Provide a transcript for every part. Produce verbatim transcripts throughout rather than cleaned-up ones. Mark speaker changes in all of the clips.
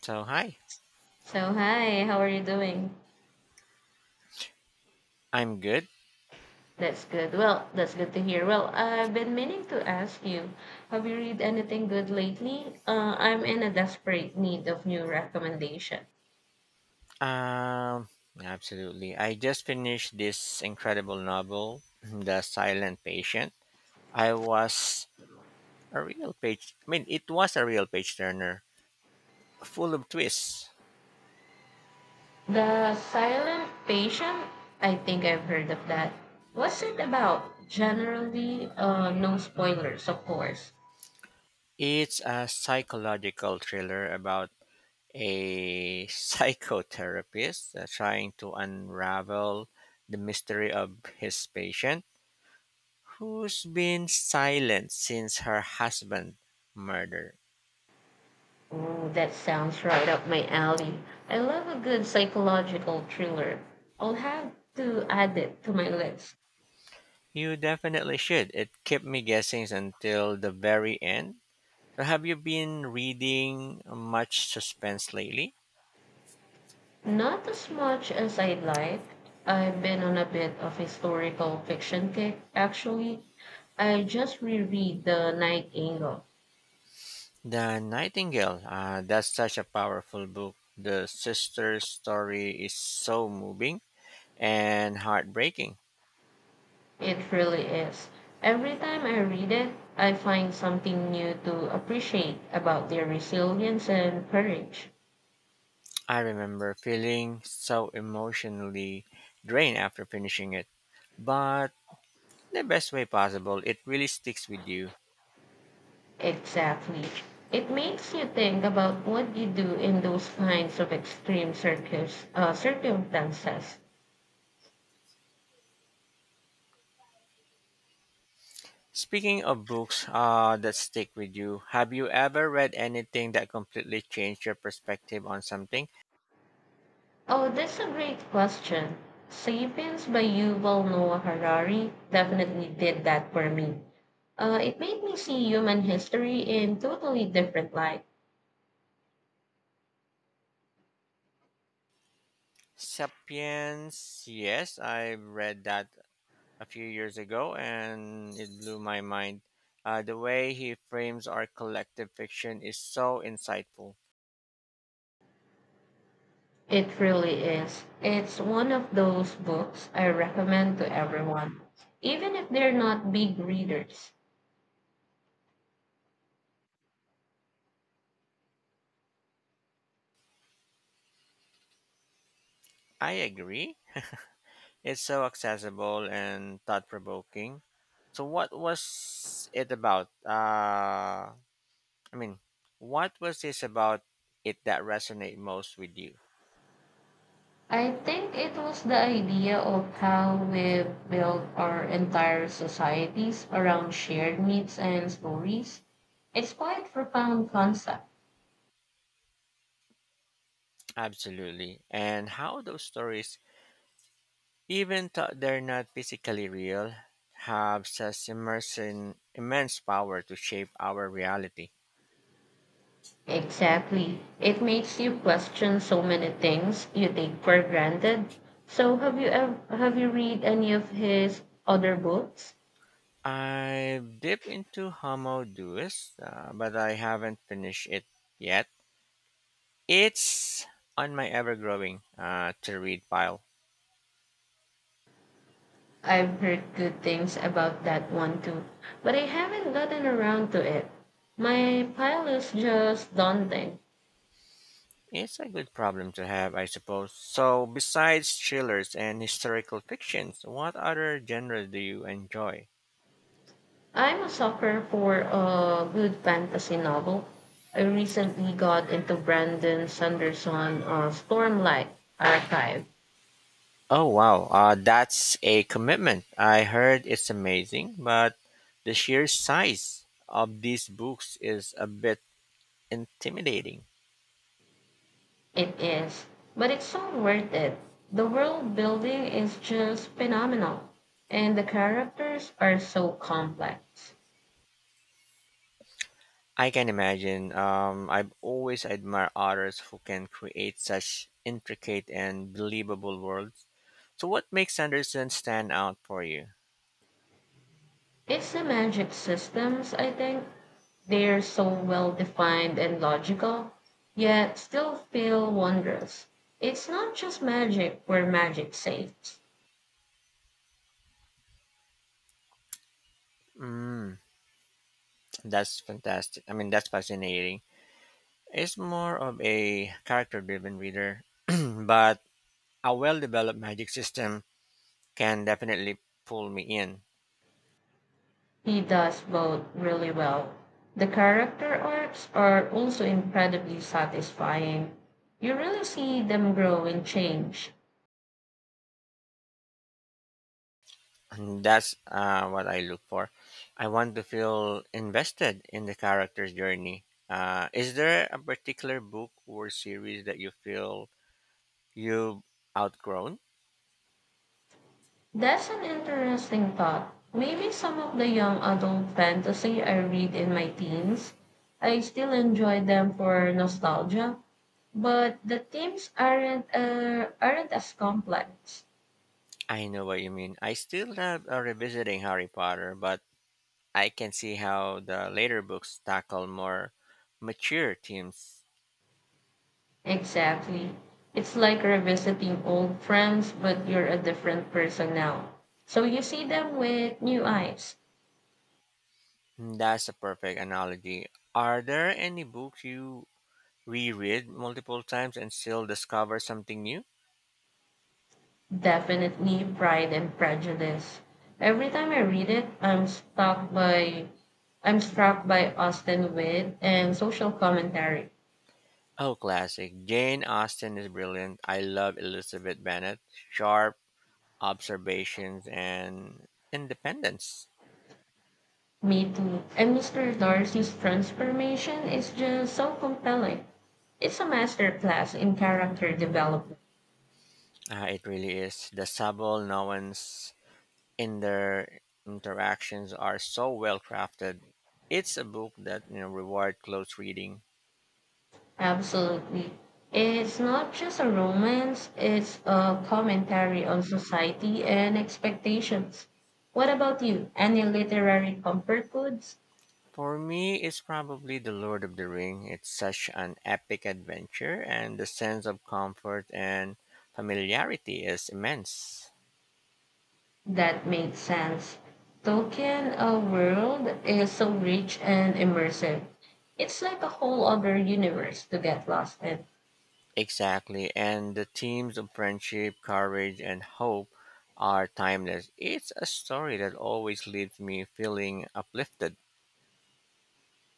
Speaker 1: So hi,
Speaker 2: So, hi, how are you doing?
Speaker 1: I'm good.
Speaker 2: That's good. Well, that's good to hear. Well, I've been meaning to ask you, have you read anything good lately? Uh, I'm in a desperate need of new recommendation.
Speaker 1: Um, Absolutely. I just finished this incredible novel, The Silent Patient. I was a real page. I mean, it was a real page turner, full of twists.
Speaker 2: The Silent Patient? I think I've heard of that. What's it about? Generally, uh, no spoilers, of course.
Speaker 1: It's a psychological thriller about a psychotherapist uh, trying to unravel the mystery of his patient who's been silent since her husband murder.
Speaker 2: Ooh, that sounds right up my alley. I love a good psychological thriller. I'll have to add it to my list.
Speaker 1: You definitely should. It kept me guessing until the very end. So have you been reading much suspense lately?
Speaker 2: Not as much as I'd like. I've been on a bit of historical fiction kick, actually. I just reread The Night Angle.
Speaker 1: The Nightingale. Uh, that's such a powerful book. The sister's story is so moving and heartbreaking.
Speaker 2: It really is. Every time I read it, I find something new to appreciate about their resilience and courage.
Speaker 1: I remember feeling so emotionally drained after finishing it, but the best way possible. It really sticks with you.
Speaker 2: Exactly. It makes you think about what you do in those kinds of extreme circus, uh, circumstances.
Speaker 1: Speaking of books uh, that stick with you, have you ever read anything that completely changed your perspective on something?
Speaker 2: Oh, that's a great question. Sapiens by Yuval Noah Harari definitely did that for me. Uh, it made me see human history in totally different light.
Speaker 1: Sapiens, yes, I read that a few years ago and it blew my mind. Uh, the way he frames our collective fiction is so insightful.
Speaker 2: It really is. It's one of those books I recommend to everyone, even if they're not big readers.
Speaker 1: I agree. It's so accessible and thought provoking. So, what was it about? Uh, I mean, what was this about it that resonate most with you?
Speaker 2: I think it was the idea of how we build our entire societies around shared needs and stories. It's quite profound concept.
Speaker 1: Absolutely. And how those stories, even though they're not physically real, have such immersion, immense power to shape our reality.
Speaker 2: Exactly. It makes you question so many things you take for granted. So have you ever, have you read any of his other books?
Speaker 1: I've dipped into Homo Deus, uh, but I haven't finished it yet. It's on my ever growing uh, to read pile.
Speaker 2: I've heard good things about that one too, but I haven't gotten around to it. My pile is just daunting.
Speaker 1: It's a good problem to have, I suppose. So, besides thrillers and historical fictions, what other genre do you enjoy?
Speaker 2: I'm a sucker for a good fantasy novel. I recently got into Brandon Sanderson uh, Stormlight Archive.
Speaker 1: Oh, wow, uh, that's a commitment. I heard it's amazing, but the sheer size of these books is a bit intimidating.
Speaker 2: It is, but it's so worth it. The world building is just phenomenal, and the characters are so complex.
Speaker 1: I can imagine. Um, I've always admired authors who can create such intricate and believable worlds. So, what makes Anderson stand out for you?
Speaker 2: It's the magic systems, I think. They're so well defined and logical, yet still feel wondrous. It's not just magic where magic saves.
Speaker 1: Mm. That's fantastic. I mean, that's fascinating. It's more of a character driven reader, but a well developed magic system can definitely pull me in.
Speaker 2: He does both really well. The character arcs are also incredibly satisfying. You really see them grow and change.
Speaker 1: And that's uh, what I look for. I want to feel invested in the character's journey. Uh, is there a particular book or series that you feel you've outgrown?
Speaker 2: That's an interesting thought. Maybe some of the young adult fantasy I read in my teens, I still enjoy them for nostalgia, but the themes aren't uh, aren't as complex.
Speaker 1: I know what you mean. I still love uh, revisiting Harry Potter, but I can see how the later books tackle more mature themes.
Speaker 2: Exactly. It's like revisiting old friends, but you're a different person now. So you see them with new eyes.
Speaker 1: Hmm, that's a perfect analogy. Are there any books you reread multiple times and still discover something new?
Speaker 2: Definitely Pride and Prejudice. Every time I read it, I'm struck by I'm struck by Austin wit and social commentary.
Speaker 1: Oh, classic. Jane Austen is brilliant. I love Elizabeth Bennet. Sharp observations and independence.
Speaker 2: Me too. And mister Darcy's transformation is just so compelling. It's a masterclass in character development.
Speaker 1: Ah, it really is. The subtle nuance and their interactions are so well crafted. It's a book that you know reward close reading.
Speaker 2: Absolutely. It's not just a romance, it's a commentary on society and expectations. What about you? Any literary comfort foods?
Speaker 1: For me, it's probably The Lord of the Ring. It's such an epic adventure, and the sense of comfort and familiarity is immense.
Speaker 2: That made sense. Tolkien uh, world is so rich and immersive. It's like a whole other universe to get lost in.
Speaker 1: Exactly, and the themes of friendship, courage, and hope are timeless. It's a story that always leaves me feeling uplifted.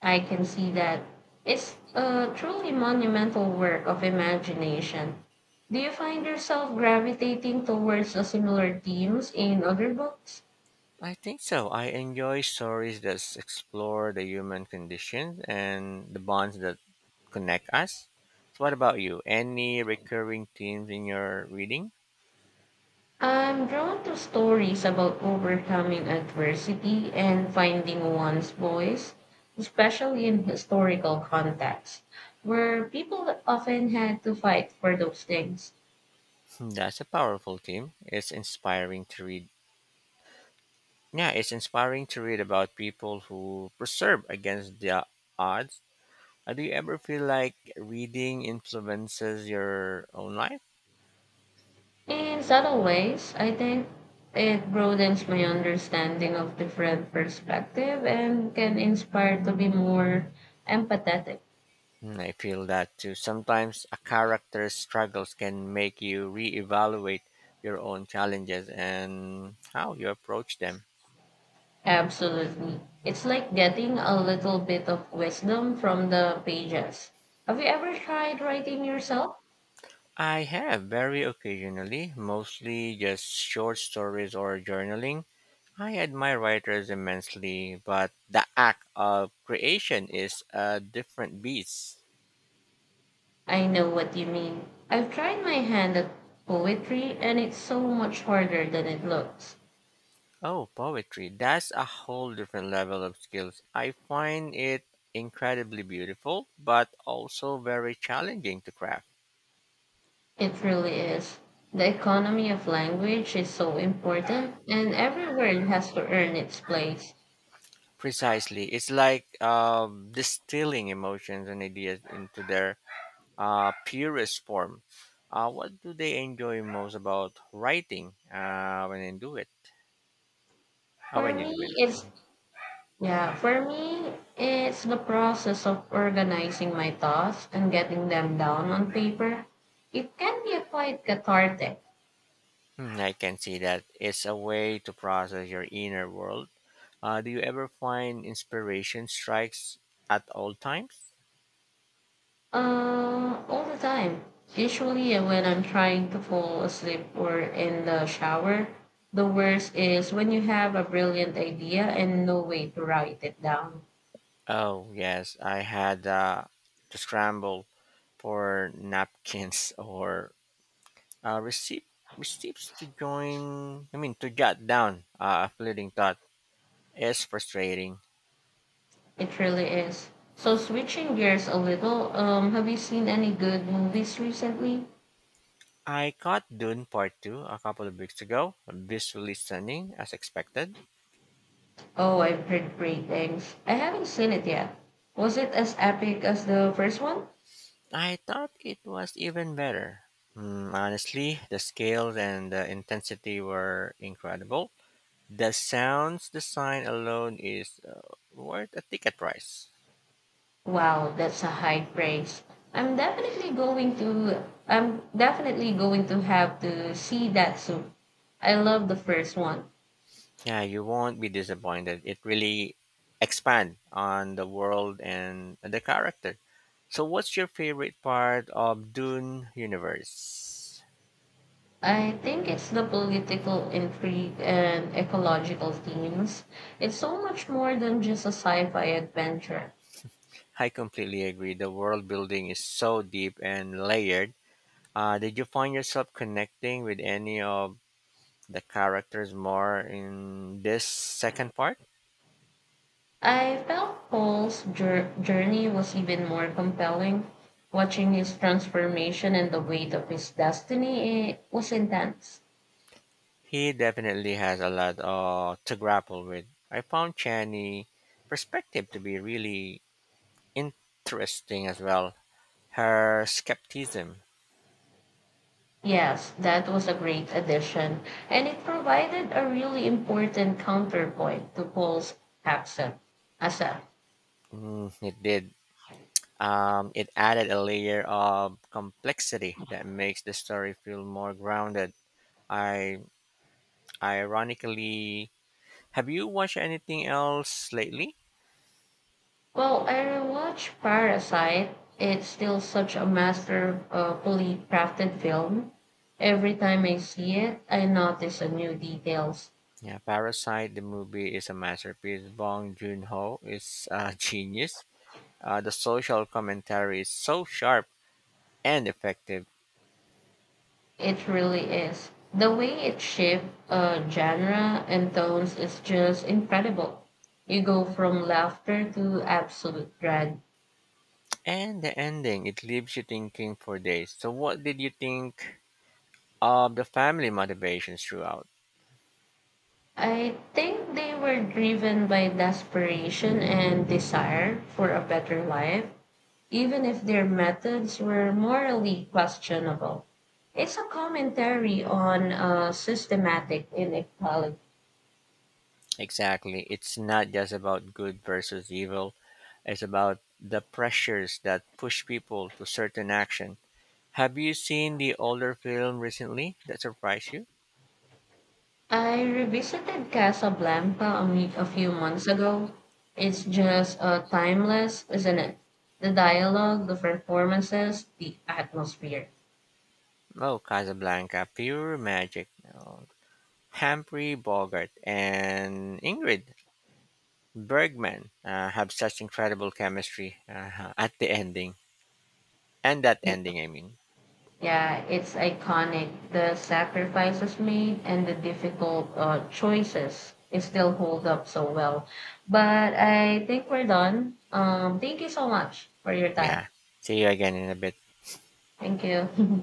Speaker 2: I can see that. It's a truly monumental work of imagination. Do you find yourself gravitating towards the similar themes in other books?
Speaker 1: I think so. I enjoy stories that s- explore the human condition and the bonds that connect us. So, what about you? Any recurring themes in your reading?
Speaker 2: I'm drawn to stories about overcoming adversity and finding one's voice, especially in historical contexts, where people often had to fight for those things.
Speaker 1: Hmm, that's a powerful theme. It's inspiring to read. Yeah, it's inspiring to read about people who persevere against the odds. Uh, Do you ever feel like reading influences your own life?
Speaker 2: In subtle ways, I think it broadens my understanding of different perspective and can inspire to be more empathetic.
Speaker 1: Mm, I feel that too. Sometimes a character's struggles can make you reevaluate your own challenges and how you approach them.
Speaker 2: Absolutely. It's like getting a little bit of wisdom from the pages. Have you ever tried writing yourself?
Speaker 1: I have very occasionally, mostly just short stories or journaling. I admire writers immensely, but the act of creation is a different beast.
Speaker 2: I know what you mean. I've tried my hand at poetry and it's so much harder than it looks.
Speaker 1: Oh, poetry. That's a whole different level of skills. I find it incredibly beautiful, but also very challenging to craft.
Speaker 2: It really is. The economy of language is so important and every word has to earn its place.
Speaker 1: Precisely. It's like um, distilling emotions and ideas into their uh, purest form. Uh, what do they enjoy most about writing uh, when they do it? Uh,
Speaker 2: For
Speaker 1: when you
Speaker 2: me,
Speaker 1: do it?
Speaker 2: it's Yeah, for me, it's the process of organizing my thoughts and getting them down on paper. It can be quite cathartic.
Speaker 1: Hmm, I can see that it's a way to process your inner world. Uh, do you ever find inspiration strikes at all times?
Speaker 2: Uh, all the time. Usually, uh, when I'm trying to fall asleep or in the shower, the worst is when you have a brilliant idea and no way to write it down.
Speaker 1: Oh yes, I had uh, to scramble for napkins or uh, receive receives, to join I mean, to jot down uh, a fleeting thought is frustrating.
Speaker 2: It really is. So, switching gears a little, um, have you seen any good movies recently?
Speaker 1: I caught Dune Part two a couple of weeks ago. Visually stunning as expected.
Speaker 2: Oh, I've heard great things. I haven't seen it yet. Was it as epic as the first one?
Speaker 1: I thought it was even better. Hmm, honestly, the scale and the intensity were incredible. The sounds design alone is uh, worth a ticket price.
Speaker 2: Wow, that's a high praise. I'm definitely going to I'm definitely going to have to see that soon. I love the first one.
Speaker 1: Yeah, you won't be disappointed. It really expand on the world and the character. So what's your favorite part of Dune universe?
Speaker 2: I think it's the political intrigue and ecological themes. It's so much more than just a sci-fi adventure.
Speaker 1: I completely agree. The world building is so deep and layered. Uh, did you find yourself connecting with any of the characters more in this second part?
Speaker 2: I felt Paul's jour- journey was even more compelling. Watching his transformation and the weight of his destiny eh, was intense.
Speaker 1: He definitely has a lot uh, to grapple with. I found Chani perspective to be really interesting as well. Her skepticism.
Speaker 2: Yes, that was a great addition, and it provided a really important counterpoint to Paul's accent. Asa,
Speaker 1: Mm, it did. Um, it added a layer of complexity that makes the story feel more grounded. I Ironically, have you watched anything else lately?
Speaker 2: well, I rewatched Parasite. It's still such a masterfully crafted film. Every time I see it, I notice a new details.
Speaker 1: Yeah, Parasite the movie is a masterpiece. Bong Joon-ho is a genius. Uh, the social commentary is so sharp and effective,
Speaker 2: It really is. The way it shaped uh, genre and tones is just incredible. You go from laughter to absolute dread.
Speaker 1: and the ending it leaves you thinking for days. So, what did you think of the family motivations throughout?
Speaker 2: I think they were driven by desperation and desire for a better life, even if their methods were morally questionable. It's a commentary on uh, systematic inequality.
Speaker 1: Exactly. It's not just about good versus evil, it's about the pressures that push people to certain action. Have you seen the older film recently that surprised you?
Speaker 2: I revisited Casablanca a week, a few months ago. It's just uh, timeless, isn't it? The dialogue, the performances, the atmosphere.
Speaker 1: Oh, Casablanca, pure magic. Oh, Humphrey Bogart and Ingrid Bergman uh, have such incredible chemistry uh, at the ending, and that
Speaker 2: It,
Speaker 1: ending, I mean.
Speaker 2: yeah, it's iconic. The sacrifices made and the difficult uh, choices it still hold up so well. But I think we're done. Um, thank you so much for your time.
Speaker 1: Yeah. See you again in a bit.
Speaker 2: Thank you.